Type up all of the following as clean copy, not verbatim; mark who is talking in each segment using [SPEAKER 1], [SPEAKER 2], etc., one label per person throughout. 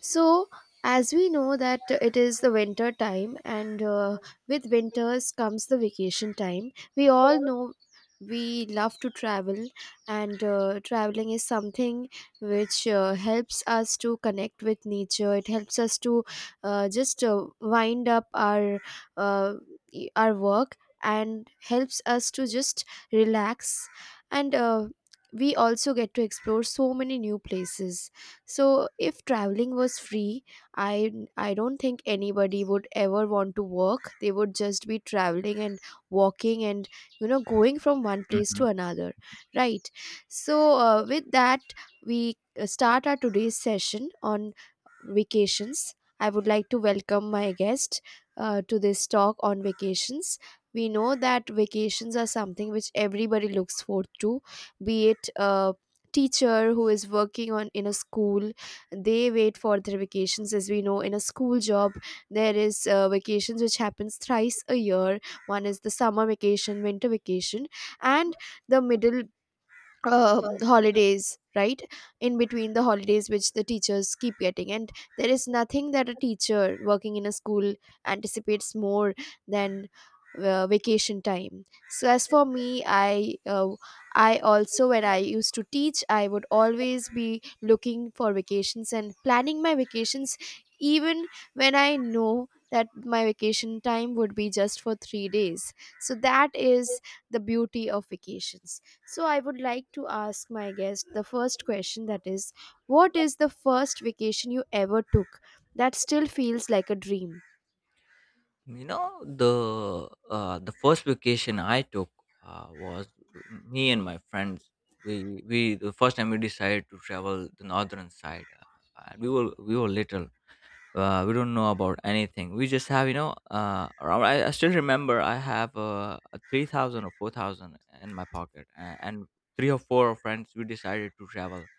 [SPEAKER 1] So, as we know that it is the winter time, and with winters comes the vacation time. We all know we love to travel, and traveling is something which helps us to connect with nature. It helps us to just wind up our uh, our work and helps us to just relax and. We also get to explore so many new places. So if traveling was free, i I don't think anybody would ever want to work. They would just be traveling and walking and going from one place to
[SPEAKER 2] Mhm.
[SPEAKER 1] another, right? So with that, we start our today's session on vacations. I would like to welcome my guest to this talk on vacations. We know that vacations are something which everybody looks forward to, be it a teacher who is working on in a school. They wait for their vacations, as we know in a school job there is vacations which happens thrice a year. One is the summer vacation, winter vacation, and the middle holidays, right, in between the holidays which the teachers keep getting. And there is nothing that a teacher working in a school anticipates more than vacation time. So as for me, I also, when I used to teach, I would always be looking for vacations and planning my vacations, even when I know that my vacation time would be just for 3 days. So that is the beauty of vacations. So I would like to ask my guest the first question, that is, what is the first vacation you ever took that still feels like a dream?
[SPEAKER 2] You know, the first vacation I took was me and my friends. We the first time we decided to travel the northern side. And we were little. We don't know about anything. We just have. Around, I still remember I have a 3,000 or 4,000 in my pocket, and three or four friends we decided to travel.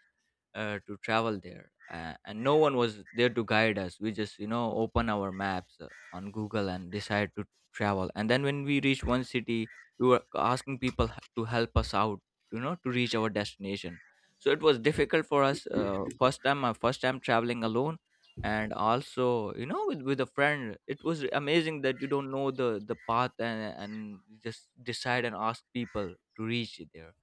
[SPEAKER 2] To travel there and no one was there to guide us. We just open our maps on Google and decide to travel, and then when we reached one city we were asking people to help us out, to reach our destination. So it was difficult for us, first time my first time traveling alone. And also, with a friend, it was amazing that you don't know the path, and you just decide and ask people to reach it there.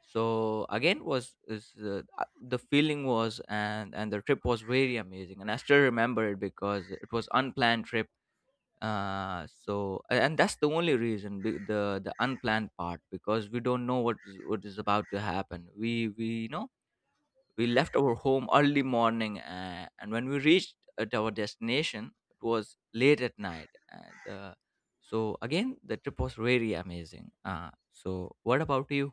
[SPEAKER 2] So again was is the feeling was, and the trip was very amazing, and I still remember it because it was unplanned trip. And that's the only reason, the unplanned part, because we don't know what is about to happen. We you know we left our home early morning and when we reached at our destination it was late at night and so again the trip was very amazing. So what about you?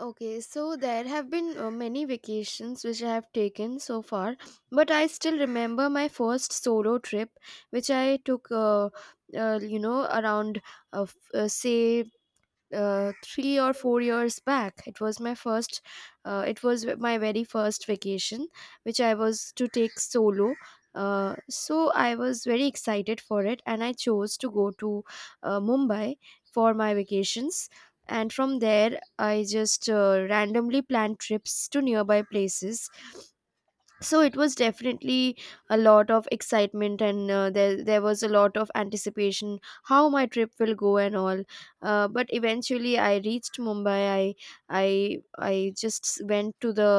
[SPEAKER 1] Okay, so there have been many vacations which I have taken so far, but I still remember my first solo trip, which I took, uh, you know, around, say, 3 or 4 years back. It was my first, it was my very first vacation, which I was to take solo. So I was very excited for it, and I chose to go to Mumbai for my vacations. And from there, I just randomly planned trips to nearby places. So it was definitely a lot of excitement, and there was a lot of anticipation how my trip will go and all. But eventually I reached Mumbai. I i I just went to the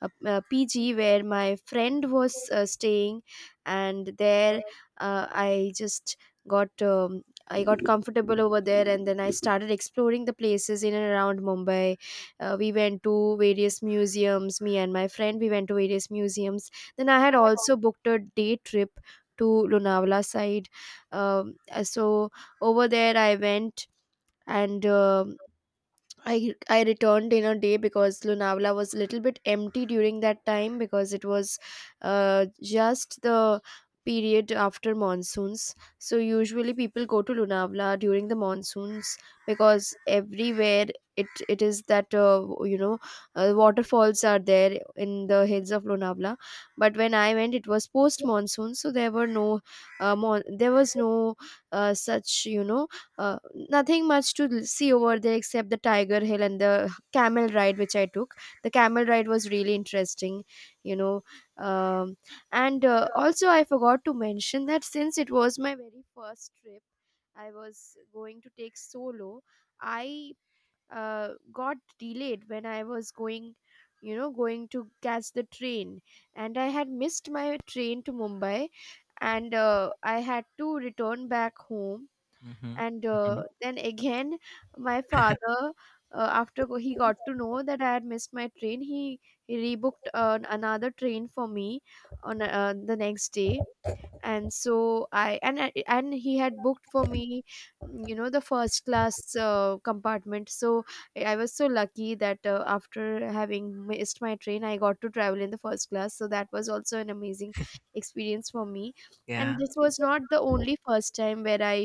[SPEAKER 1] PG where my friend was staying. And there, I just got I got comfortable over there, and then I started exploring the places in and around Mumbai. We went to various museums. Me and my friend, we went to various museums. Then I had also booked a day trip to Lunavala side. So over there I went, and I returned in a day because Lonavala was a little bit empty during that time because it was just the period after monsoons. So usually people go to Lonavala during the monsoons because everywhere it it is that waterfalls are there in the hills of Lonavala. But when I went, it was post monsoon, so there were there was no such you know uh, nothing much to see over there except the Tiger Hill and the camel ride which I took. The camel ride was really interesting, you know. Um, and Also, I forgot to mention that since it was my very first trip, I was going to take solo. I got delayed when I was going, you know, going to catch the train, and I had missed my train to Mumbai, and I had to return back home.
[SPEAKER 2] Mm-hmm.
[SPEAKER 1] And
[SPEAKER 2] Mm-hmm.
[SPEAKER 1] Then again, my father, he got to know that I had missed my train. He rebooked another train for me on the next day. And so and he had booked for me, you know, the first class compartment. So I was so lucky that after having missed my train, I got to travel in the first class, so that was also an amazing experience for me.
[SPEAKER 2] Yeah.
[SPEAKER 1] And this was not the only first time where I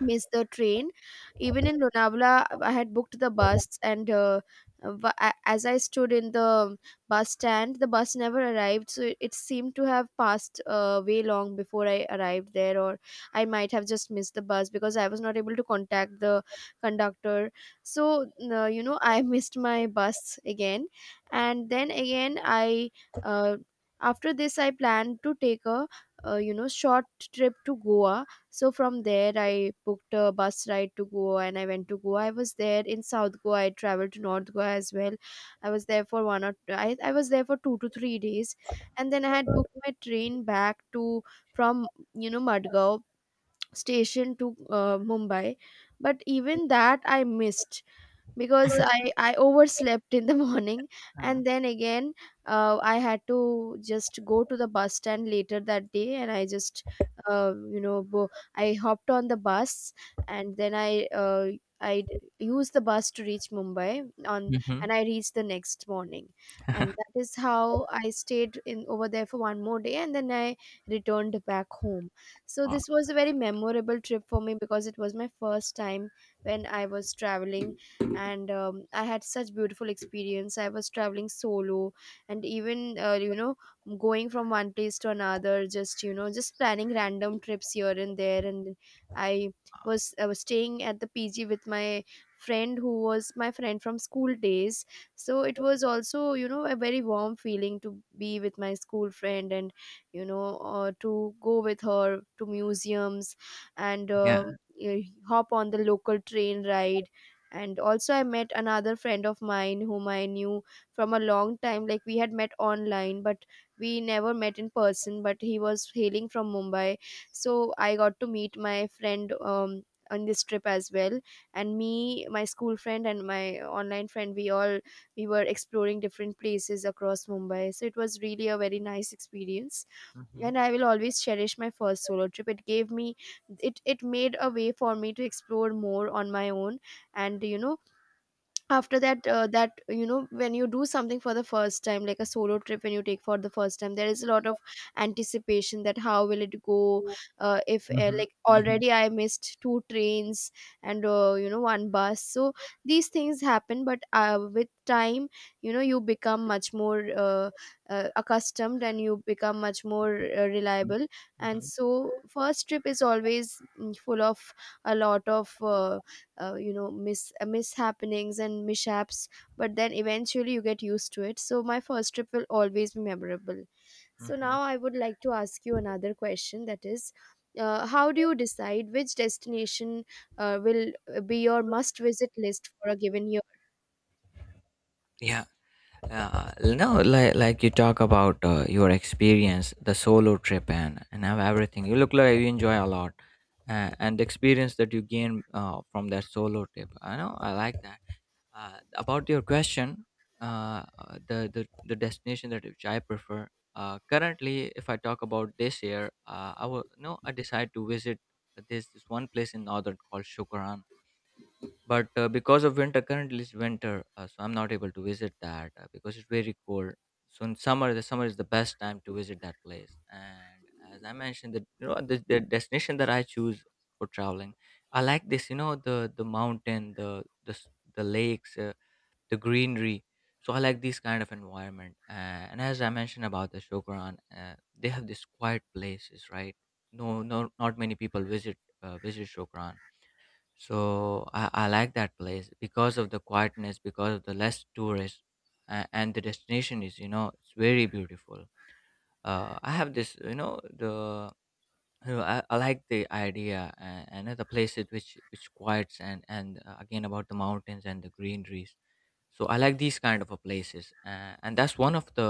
[SPEAKER 1] miss the train. Even in Lonavala, I had booked the bus, and as I stood in the bus stand, the bus never arrived. So it seemed to have passed way long before I arrived there, or I might have just missed the bus because I was not able to contact the conductor. So you know, I missed my bus again, and then again I. Uh, after this, I planned to take a short trip to Goa. So from there, I booked a bus ride to Goa, and I went to Goa. I was there in South Goa. I traveled to North Goa as well. I was there for I was there for 2 to 3 days. And then I had booked my train back to, from, you know, Madgaon station to Mumbai. But even that I missed because I overslept in the morning, and then again I had to just go to the bus stand later that day, and I just uh, you know bo- I hopped on the bus, and then I used the bus to reach Mumbai on. And
[SPEAKER 2] Mhm.
[SPEAKER 1] I reached the next morning, and that is how I stayed in over there for one more day, and then I returned back home. So this was a very memorable trip for me because it was my first time when I was traveling, and I had such beautiful experience. I was traveling solo, and even, you know, going from one place to another, just, you know, just planning random trips here and there. And i I was staying at the PG with my friend who was my friend from school days, so it was also, you know, a very warm feeling to be with my school friend, and you know, to go with her to museums, and
[SPEAKER 2] Yeah.
[SPEAKER 1] uh, hop on the local train ride. And also I met another friend of mine whom I knew from a long time. Like, we had met online but we never met in person, but he was hailing from Mumbai. So I got to meet my friend, um, on this trip as well. And me, my school friend, and my online friend, we all, we were exploring different places across Mumbai. So it was really a very nice experience.
[SPEAKER 2] Mhm.
[SPEAKER 1] And I will always cherish my first solo trip. It gave me, it made a way for me to explore more on my own. And you know, after that, when you do something for the first time, like a solo trip when you take for the first time, there is a lot of anticipation that how will it go. If
[SPEAKER 2] Mhm.
[SPEAKER 1] Like,
[SPEAKER 2] Mhm.
[SPEAKER 1] already I missed two trains and you know one bus. So these things happen, but with time, you know, you become much more accustomed, and you become much more
[SPEAKER 2] Mhm.
[SPEAKER 1] reliable. And
[SPEAKER 2] Mhm.
[SPEAKER 1] so first trip is always, mm, full of a lot of mishappenings and mishaps, but then eventually you get used to it. So my first trip will always be memorable. So
[SPEAKER 2] Mhm.
[SPEAKER 1] now I would like to ask you another question, that is, how do you decide which destination will be your must visit list for a given year?
[SPEAKER 2] Yeah. Uh, no, like you talk about your experience, the solo trip, and have everything. You look like you enjoy a lot, and the experience that you gain from that solo trip. I know. I like that. About your question, the destination that which I prefer. Currently, if I talk about this year, I will no. I decide to visit this one place in northern called Shukaran. But because of winter, currently it's winter, so I'm not able to visit that because it's very cold. So in summer the summer is the best time to visit that place. And as I mentioned, the you know the destination that I choose for traveling, I like this you know the mountain, the lakes, the greenery. So I like this kind of environment. And as I mentioned about the Shokran, they have these quiet places, right? No, no, not many people visit, visit Shokran. So I like that place because of the quietness, because of the less tourists, and the destination is, you know, it's very beautiful. I have this, you know, the I like the idea, and the places which quiets, and again about the mountains and the greeneries. So I like these kind of a places. And that's one of the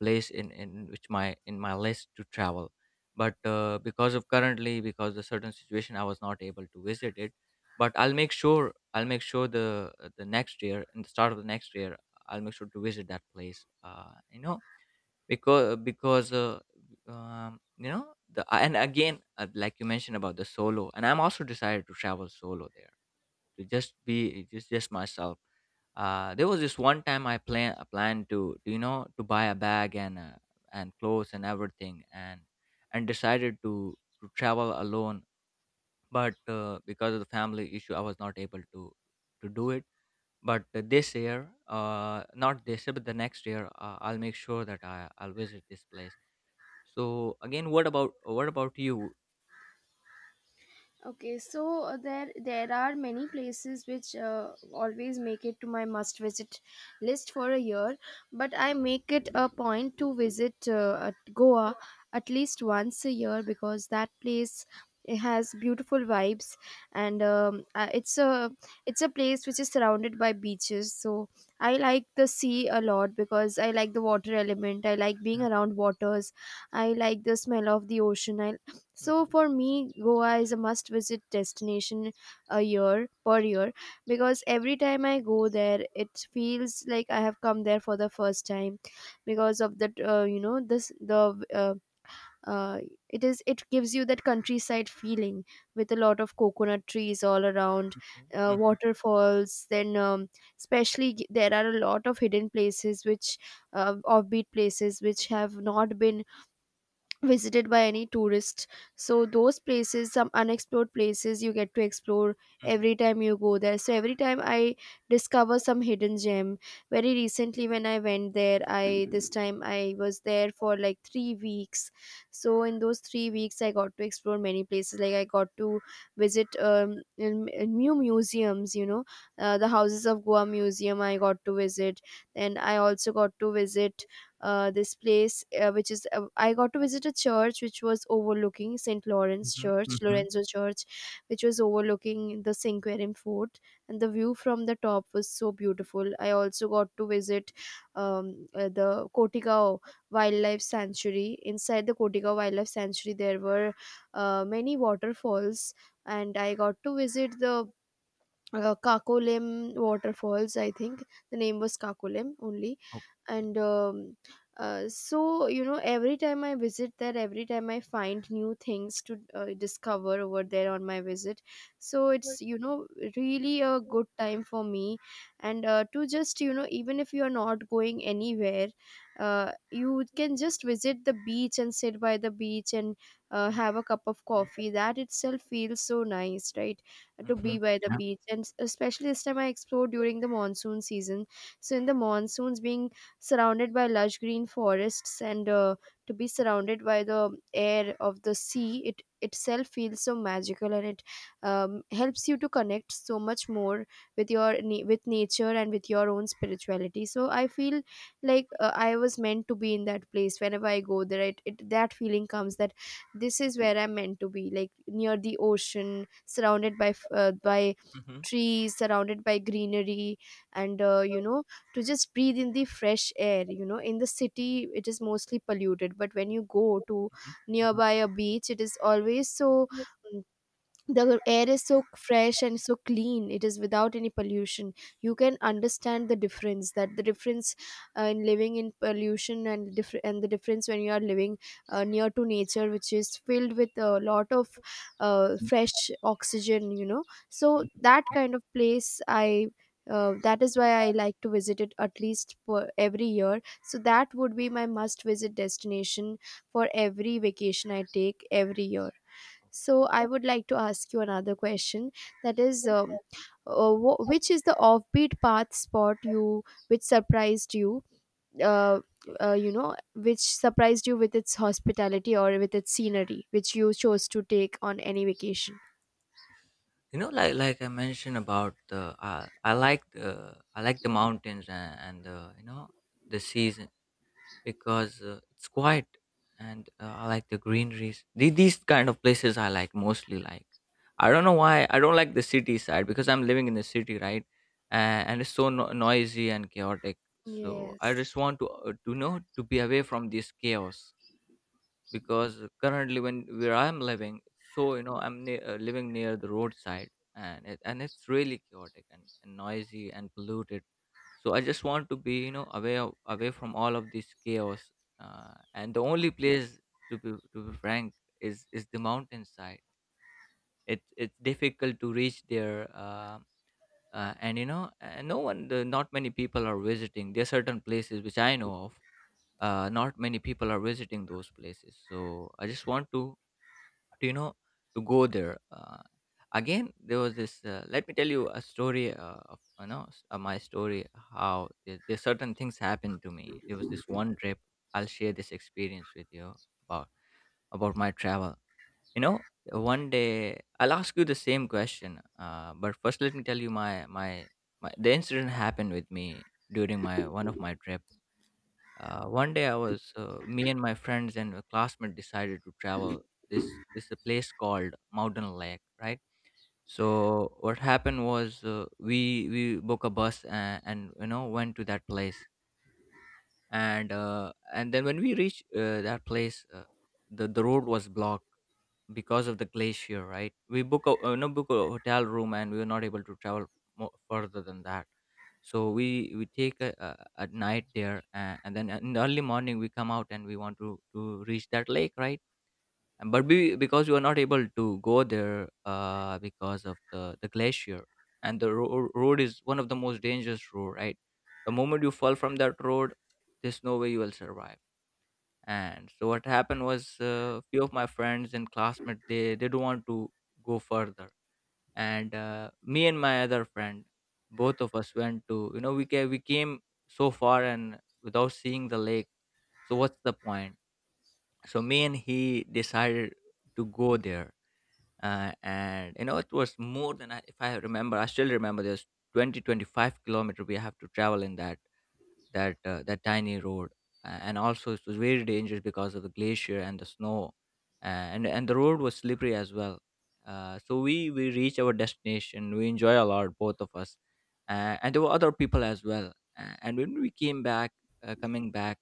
[SPEAKER 2] place in which my in my list to travel. But because of currently because the certain situation I was not able to visit it. But I'll make sure I'll make sure the next year in the start of the next year I'll make sure to visit that place. Uh, you know because you know the and again Like you mentioned about the solo, and I'm also decided to travel solo there, to just be, just myself. There was this one time I planned to, to buy a bag and clothes and everything, and decided to travel alone. But because of the family issue, I was not able to do it. But this year, not this year, but the next year, I'll make sure that I'll visit this place. So again, what about you?
[SPEAKER 1] Okay, so there are many places which always make it to my must visit list for a year, but I make it a point to visit at Goa at least once a year because that place, it has beautiful vibes. And It's a, it's a place which is surrounded by beaches. So I like the sea a lot because I like the water element. I like being
[SPEAKER 2] Yeah.
[SPEAKER 1] around waters. I like the smell of the ocean. I so
[SPEAKER 2] Mhm.
[SPEAKER 1] for me, Goa is a must-visit destination a year per year because every time I go there, it feels like I have come there for the first time because of that. You know, this the uh, it is it gives you that countryside feeling with a lot of coconut trees all around,
[SPEAKER 2] Mhm,
[SPEAKER 1] waterfalls. Then, especially there are a lot of hidden places which offbeat places which have not been visited by any tourist. So those places, some unexplored places, you get to explore
[SPEAKER 2] mhm,
[SPEAKER 1] every time you go there. So every time I discover some hidden gem. Very recently when I went there, I this time I was there for like 3 weeks. So in those 3 weeks I got to explore many places. Like I got to visit in new museums, you know, the Houses of Goa museum I got to visit, and I also got to visit this place, which is I got to visit a church which was overlooking St. Lawrence
[SPEAKER 2] mhm,
[SPEAKER 1] church,
[SPEAKER 2] mhm, mhm.
[SPEAKER 1] Lorenzo church, which was overlooking the Cinquerim fort, and the view from the top was so beautiful. I also got to visit the Kotigao wildlife sanctuary. Inside the Kotigao wildlife sanctuary there were many waterfalls, and I got to visit the Kakolem waterfalls. I think the name was Kakolem only,
[SPEAKER 2] Okay.
[SPEAKER 1] and you know, every time I visit there, every time I find new things to discover over there on my visit. So it's, you know, really a good time for me, and to just, you know, even if you are not going anywhere, you can just visit the beach and sit by the beach and have a cup of coffee. That itself feels so nice, right? To be
[SPEAKER 2] Mhm,
[SPEAKER 1] by the
[SPEAKER 2] mhm.
[SPEAKER 1] beach, and especially this time I explored during the monsoon season. So in the monsoons, being surrounded by lush green forests and to be surrounded by the air of the sea, it itself feels so magical, and it helps you to connect so much more with with nature and with your own spirituality. So I feel like I was meant to be in that place. Whenever I go there, it that feeling comes that this is where I'm meant to be, like near the ocean, surrounded by by
[SPEAKER 2] Mhm,
[SPEAKER 1] trees, surrounded by greenery, and you know, to just breathe in the fresh air. You know, in the city it is mostly polluted, but when you go to
[SPEAKER 2] mhm, mhm,
[SPEAKER 1] nearby a beach, it is always so, the air is so fresh and so clean, it is without any pollution. You can understand the difference, that the difference in living in pollution and and the difference when you are living near to nature, which is filled with a lot of
[SPEAKER 2] mhm,
[SPEAKER 1] fresh oxygen, you know. So
[SPEAKER 2] mhm.
[SPEAKER 1] that kind of place I, that is why I like to visit it at least per every year. So that would be my must visit destination for every vacation I take every year. So I
[SPEAKER 2] Okay.
[SPEAKER 1] would like to ask you another question. That is, which is the offbeat path spot you which surprised you? Uh, you know, which surprised you with its hospitality or with its scenery, which you chose to take on any vacation.
[SPEAKER 2] You know, like I mentioned about the, I like the mountains, and the you know the season, because it's quiet, and I like the greeneries. These kind of places I like mostly. Like, I don't know why I don't like the city side, because I'm living in the city, right? And it's so noisy and chaotic. So I
[SPEAKER 1] Yes.
[SPEAKER 2] just want to know to be away from this chaos. Because currently when where I'm living, so you know I'm living near the roadside, and it's really chaotic, and noisy and polluted. So I just want to be, you know, away away from all of this chaos. And the only place, to be frank, is the mountainside. It's difficult to reach there. And you know, not many people are visiting. There are certain places which I know of, not many people are visiting those places. So I just want to, you know, to go there. Again, there was this, let me tell you a story, of you know, my story, how there certain things happened to me. There was this one trip. I'll share this experience with you about my travel, you know. One day I'll ask you the same question, but first let me tell you my the incident happened with me during my one of my trip. One day I was, me and my friends and a classmate decided to travel. This a place called Mountain Lake, right? So what happened was, we book a bus, and you know went to that place. And then when we reached that place, the road was blocked because of the glacier. Right, we book a no book a hotel room, and we were not able to travel more further than that. So we take a night there, and then in the early morning we come out, and we want to reach that lake, right? But because you are not able to go there, because of the glacier, and the road is one of the most dangerous road, right? The moment you fall from that road, there's no way you will survive. And so what happened was, few of my friends and classmates, they don't want to go further. And me and my other friend, both of us went to, you know, we came so far, and without seeing the lake, so what's the point? So me and he decided to go there. And you know, it was more than if I remember, I still remember, there's 20-25 kilometer we have to travel in that that tiny road. And also it was very dangerous because of the glacier and the snow. And the road was slippery as well. So we reach our destination, we enjoy a lot, both of us, and there were other people as well. And when we came back, coming back,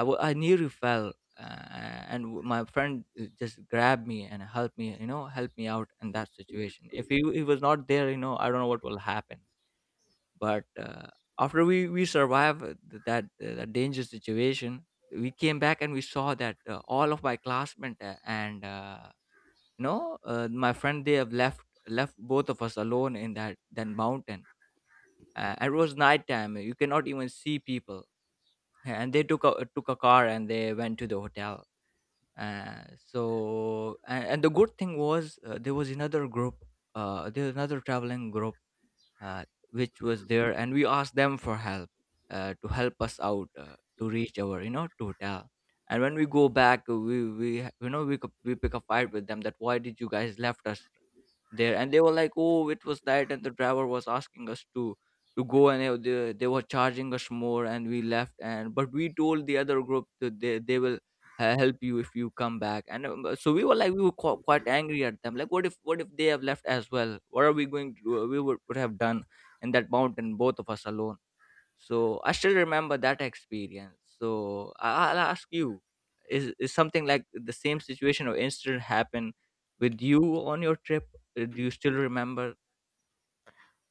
[SPEAKER 2] I nearly fell. And my friend just grabbed me and helped me, you know, helped me out in that situation. If he was not there, you know, I don't know what will happen. But after we survived, that that dangerous situation, we came back and we saw that all of my classmates and my friend, they have left, left both of us alone in that mountain. It was nighttime; you cannot even see people. And they took took a car and they went to the hotel. Uh, so and, and the good thing was, there was another group, there was another traveling group uh, which was there, and we asked them for help, to help us out, to reach our hotel. And when we go back, we ha- you know we, co- we pick a fight with them that why did you guys left us there. And they were like, oh, it was that, and the driver was asking us to go, and they were charging us more and we left. And but we told the other group that they will help you if you come back. And So we were like, we were quite angry at them, like, what if they have left as well, what are we going to do? We would have done in that mountain, both of us alone. So I still remember that experience. So I'll ask you, is something like the same situation or incident happen with you on your trip? Do you still remember?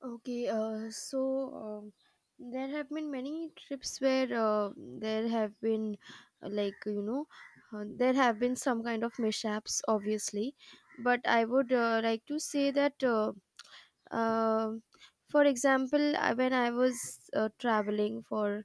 [SPEAKER 1] Okay, so um, there have been many trips where there have been, uh, like, you know, there have been some kind of mishaps, obviously. But I would like to say that, uh, for example, when I was traveling for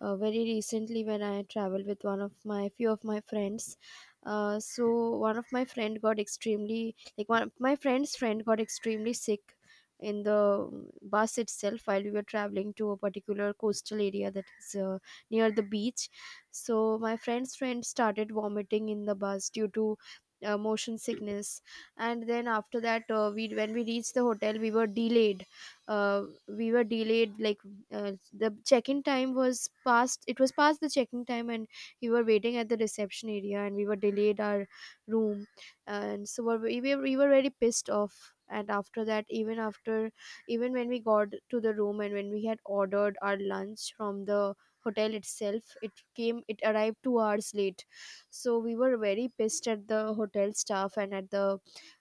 [SPEAKER 1] very recently, when I traveled with one of my few of my friends. So one of my friend got extremely, like, one of my friend's friend got extremely sick in the mm, bus itself while we were traveling to a particular coastal area, that is near the beach. So my friend's friend started vomiting in the bus due to motion sickness, and then after that we, when we reached the hotel, we were delayed, uh, we were delayed like uh, the check-in time was past, it was past the check-in time, and we were waiting at the reception area, and we were delayed our room. And so we were very pissed off, and after that, even after, even when we got to the room and when we had ordered our lunch from the hotel itself, it came, it arrived 2 hours late. So we were very pissed at the hotel staff and at the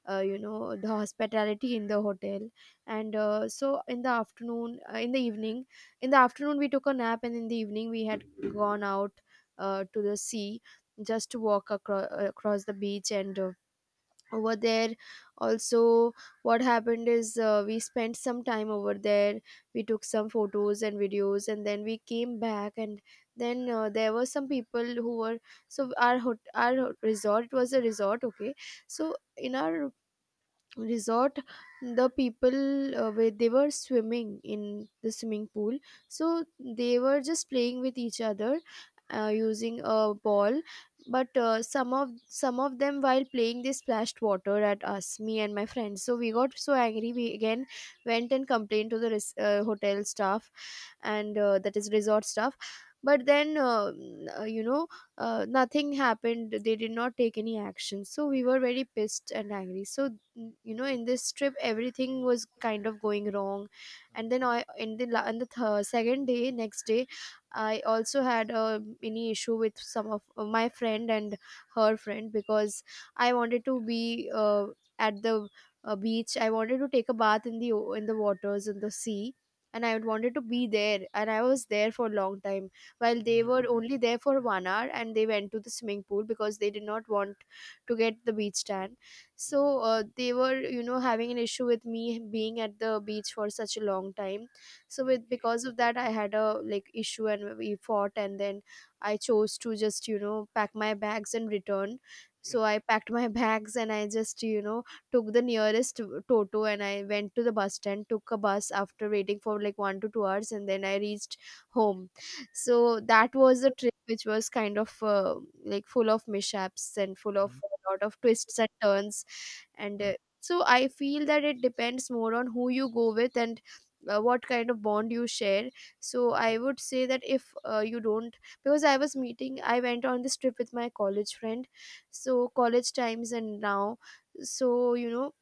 [SPEAKER 1] you know, the hospitality in the hotel. And in the afternoon, in the afternoon we took a nap, and in the evening we had gone out to the sea, just to walk across the beach, and over there also, what happened is we spent some time over there, we took some photos and videos, and then we came back, and then there were some people who were, so our our resort, it was a resort, okay. So in our resort, the people where they were swimming in the swimming pool, so they were just playing with each other using a ball, but some of them while playing, they splashed water at us, me and my friends, so we got so angry, we again went and complained to the hotel staff, and that is, resort staff, but then you know, nothing happened, they did not take any action, so we were very pissed and angry. So, you know, in this trip everything was kind of going wrong, and then I in the, on the second day, next day, I also had a mini issue with some of my friend and her friend, because I wanted to be at the beach, I wanted to take a bath in the in the waters, in the sea, and I wanted to be there, and I was there for a long time, while they
[SPEAKER 2] Mhm,
[SPEAKER 1] were only there for 1 hour, and they went to the swimming pool because they did not want to get the beach tan.
[SPEAKER 2] mhm.
[SPEAKER 1] So they were, you know, having an issue with me being at the beach for such a long time. So with,
[SPEAKER 2] Okay,
[SPEAKER 1] because of that, I had a like issue, and we fought, and then I chose to just, you know, pack my bags and return.
[SPEAKER 2] yeah.
[SPEAKER 1] So I packed my bags, and I just, you know, took the nearest toto, and I went to the bus stand, took a bus after waiting for like 1 to 2 hours, and then I reached home. So that was the trip which was kind of like full of mishaps and full of
[SPEAKER 2] Mhm,
[SPEAKER 1] a lot of twists and turns. And so I feel that it depends more on who you go with and what kind of bond you share. So I would say that if you don't, because I was meeting, I went on this trip with my college friend. So college times and now. So, you know,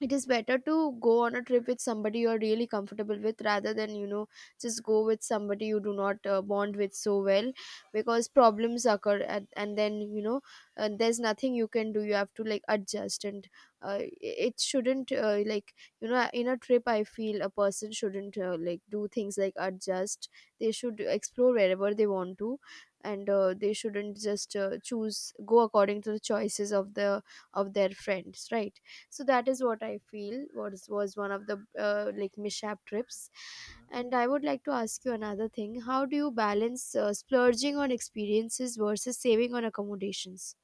[SPEAKER 1] it is better to go on a trip with somebody you're really comfortable with, rather than, you know, just go with somebody you do not bond with so well, because problems occur, and then, you know, there's nothing you can do, you have to like adjust, and uh, it shouldn't you know, in a trip I feel a person shouldn't like do things like adjust, they should explore wherever they want to, and they shouldn't just choose go according to the choices of the, of their friends, right? So that is what I feel was one of the like mishap trips.
[SPEAKER 2] mhm.
[SPEAKER 1] And I would like to ask you another thing, how do you balance splurging on experiences versus saving on accommodations?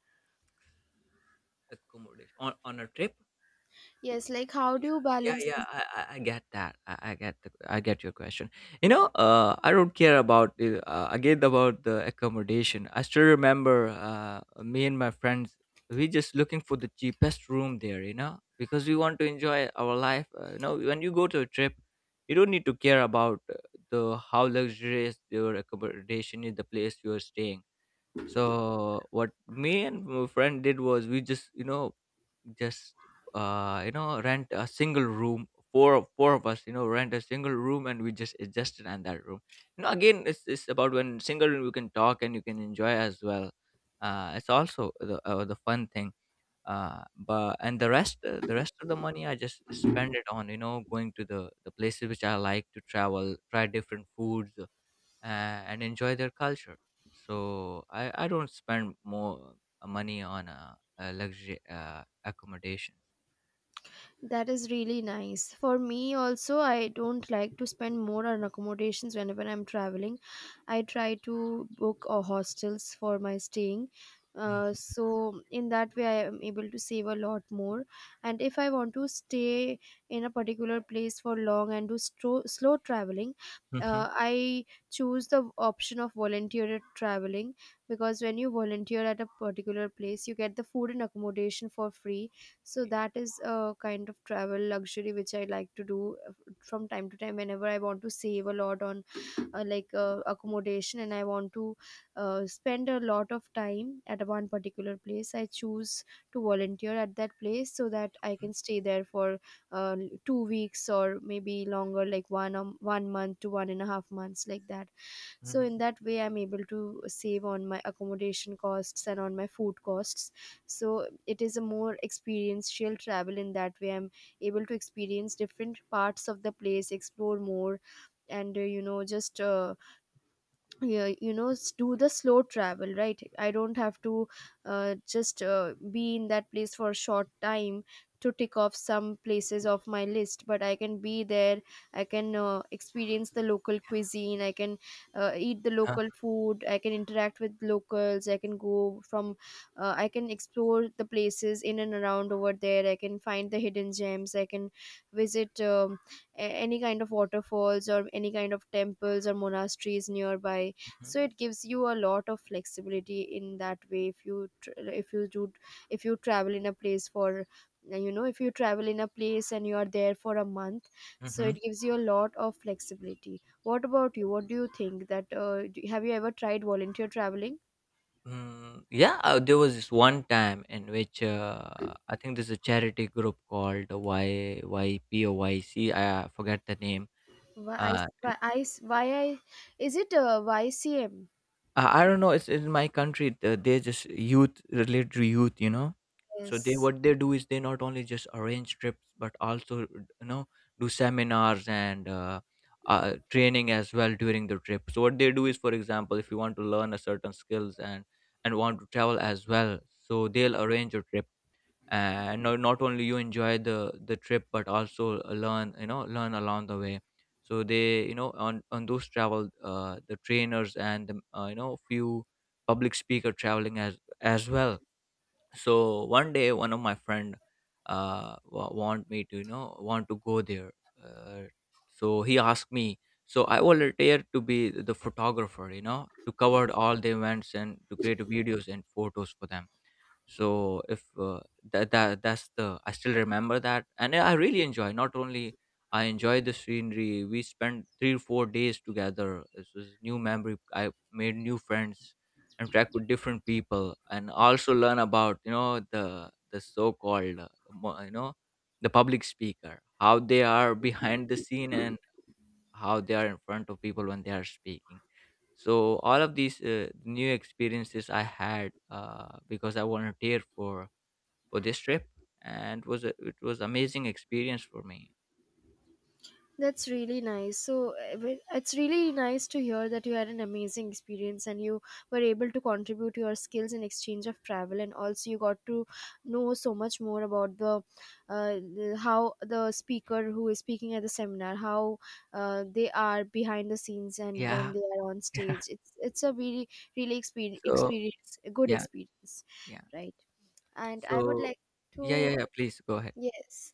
[SPEAKER 2] Accommodation on a trip.
[SPEAKER 1] Yes, like how do you
[SPEAKER 2] Yeah,
[SPEAKER 1] balance?
[SPEAKER 2] yeah, I get that. I get I get your question. You know, I don't care about again about the accommodation. I still remember, me and my friends, we just looking for the cheapest room there, you know, because we want to enjoy our life. You know, when you go to a trip, you don't need to care about the how luxurious your accommodation is, the place you are staying. So what me and my friend did was, we just, you know, just you know, rent a single room, four of us, you know, rent a single room, and we just adjusted on that room. You know, again, it's about, when single room, you can talk and you can enjoy as well. It's also the fun thing. Uh but and the rest, the rest of the money, I just spend it on, you know, going to the places which I like to travel, try different foods, and enjoy their culture. So I don't spend more money on luxury accommodations.
[SPEAKER 1] That is really nice. For me also, I don't like to spend more on accommodations whenever I'm traveling. I try to book hostels for my staying. So in that way I am able to save a lot more. And if I want to stay in a particular place for long and do slow traveling,
[SPEAKER 2] Mm-hmm.
[SPEAKER 1] I choose the option of volunteer traveling, because when you volunteer at a particular place, you get the food and accommodation for free. So
[SPEAKER 2] Okay.
[SPEAKER 1] that is a kind of travel luxury which I like to do from time to time, whenever I want to save a lot on accommodation, and I want to spend a lot of time at one particular place. I choose to volunteer at that place so that I can stay there for uh, 2 weeks, or maybe longer, like 1 month to 1.5 months, like that. So
[SPEAKER 2] Mm-hmm.
[SPEAKER 1] in that way I'm able to save on my accommodation costs and on my food costs. So it is a more experiential travel. In that way I'm able to experience different parts of the place, explore more, and you know just yeah, you know, do the slow travel, right? I don't have to just be in that place for a short time to tick off some places of my list, but I can be there, I can experience the local cuisine, I can eat the
[SPEAKER 2] Huh.
[SPEAKER 1] local food, I can interact with locals, I can go from I can explore the places in and around over there, I can find the hidden gems, I can visit any kind of waterfalls or any kind of temples or monasteries nearby. So it gives you a lot of flexibility in that way. If you do if you travel in a place for, you know, if you travel in a place and you are there for a month, so
[SPEAKER 2] Mm-hmm.
[SPEAKER 1] it gives you a lot of flexibility. What about you, what do you think, that have you ever tried volunteer traveling?
[SPEAKER 2] Mm, yeah, there was this one time in which, I think there's a charity group called YYPOYC. I forget the name.
[SPEAKER 1] Why I,
[SPEAKER 2] Uh,
[SPEAKER 1] why I, is it YCM?
[SPEAKER 2] I don't know. It's in my country. They just youth, related to youth, you know. So they,
[SPEAKER 1] Yes.
[SPEAKER 2] what they do is, they not only just arrange trips but also, you know, do seminars and training as well during the trip. So what they do is, for example, if you want to learn a certain skills and want to travel as well, so they'll arrange a trip, and not only you enjoy the trip but also learn, you know, learn along the way. So they, you know, on those travel, the trainers and the, few public speaker traveling as well. So one day, one of my friend, want me to, you know, want to go there. uh, so he asked me. So I volunteered to be the photographer, you know, to cover all the events and to create videos and photos for them. So if that, that that's the, I still remember that, and I really enjoy. Not only I enjoy the scenery, we spent three or four days together. This was new memory. I made new friends, interact with different people, and also learn about, you know, the so-called, the public speaker, how they are behind the scene and how they are in front of people when they are speaking. So all of these, new experiences I had, because I volunteered for this trip. And it was amazing experience for me.
[SPEAKER 1] That's really nice. So it's really nice to hear that you had an amazing experience, and you were able to contribute your skills in exchange of travel, and also you got to know so much more about the how the speaker who is speaking at the seminar, how they are behind the scenes and when
[SPEAKER 2] Yeah.
[SPEAKER 1] they are on stage. It's a really really experience,
[SPEAKER 2] So,
[SPEAKER 1] a good
[SPEAKER 2] yeah,
[SPEAKER 1] experience,
[SPEAKER 2] yeah.
[SPEAKER 1] right? And I would
[SPEAKER 2] So
[SPEAKER 1] like to,
[SPEAKER 2] yeah, yeah, yeah, please go ahead.
[SPEAKER 1] yes,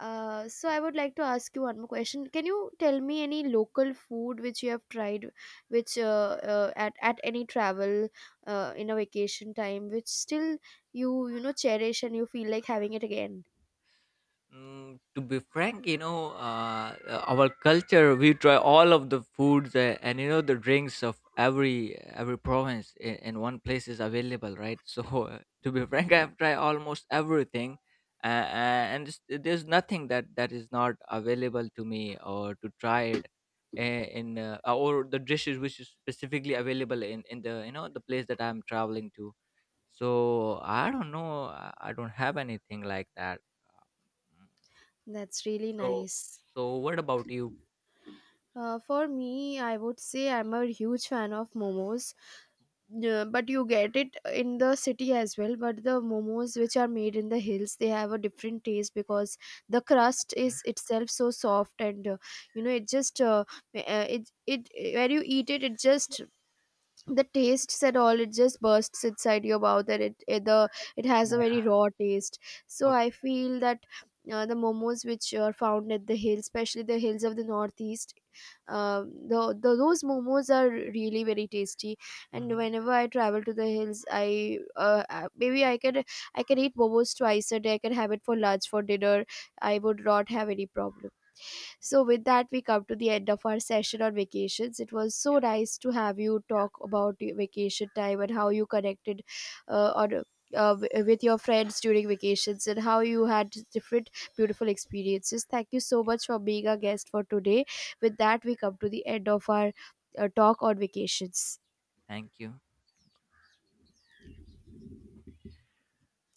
[SPEAKER 1] so I would like to ask you one more question. Can you tell me any local food which you have tried, which at any travel in a vacation time, which still you, you know, cherish and you feel like having it again?
[SPEAKER 2] Mm, to be frank, you know, our culture, we try all of the foods, and you know the drinks of every province in one place is available, right? So to be frank, I have tried almost everything, and there's nothing that is not available to me or to try it, in or the dishes which is specifically available in the, you know, the place that I'm traveling to. So I don't know, I don't have anything like that.
[SPEAKER 1] That's really
[SPEAKER 2] So,
[SPEAKER 1] nice.
[SPEAKER 2] so what about you?
[SPEAKER 1] For me, I would say I'm a huge fan of momos. Yeah, but you get it in the city as well. But the momos which are made in the hills, they have a different taste because the crust
[SPEAKER 2] Okay.
[SPEAKER 1] is itself so soft, and it just it, it, where you eat it, it just, the taste said all, it just bursts inside your mouth, and it has a
[SPEAKER 2] Yeah.
[SPEAKER 1] very raw taste. So I
[SPEAKER 2] Okay.
[SPEAKER 1] feel that the momos which are found at the hills, especially the hills of the northeast, the those momos are really very tasty, and
[SPEAKER 2] Hmm.
[SPEAKER 1] whenever I travel to the hills, I maybe I can eat momos twice a day, I can have it for lunch, for dinner, I would not have any problem. So, with that, we come to the end of our session on vacations. It was so nice to have you talk about your vacation time and how you connected uh, on. With your friends during vacations, and how you had different beautiful experiences. Thank you so much for being our guest for today. With that, we come to the end of our talk on vacations.
[SPEAKER 2] Thank you.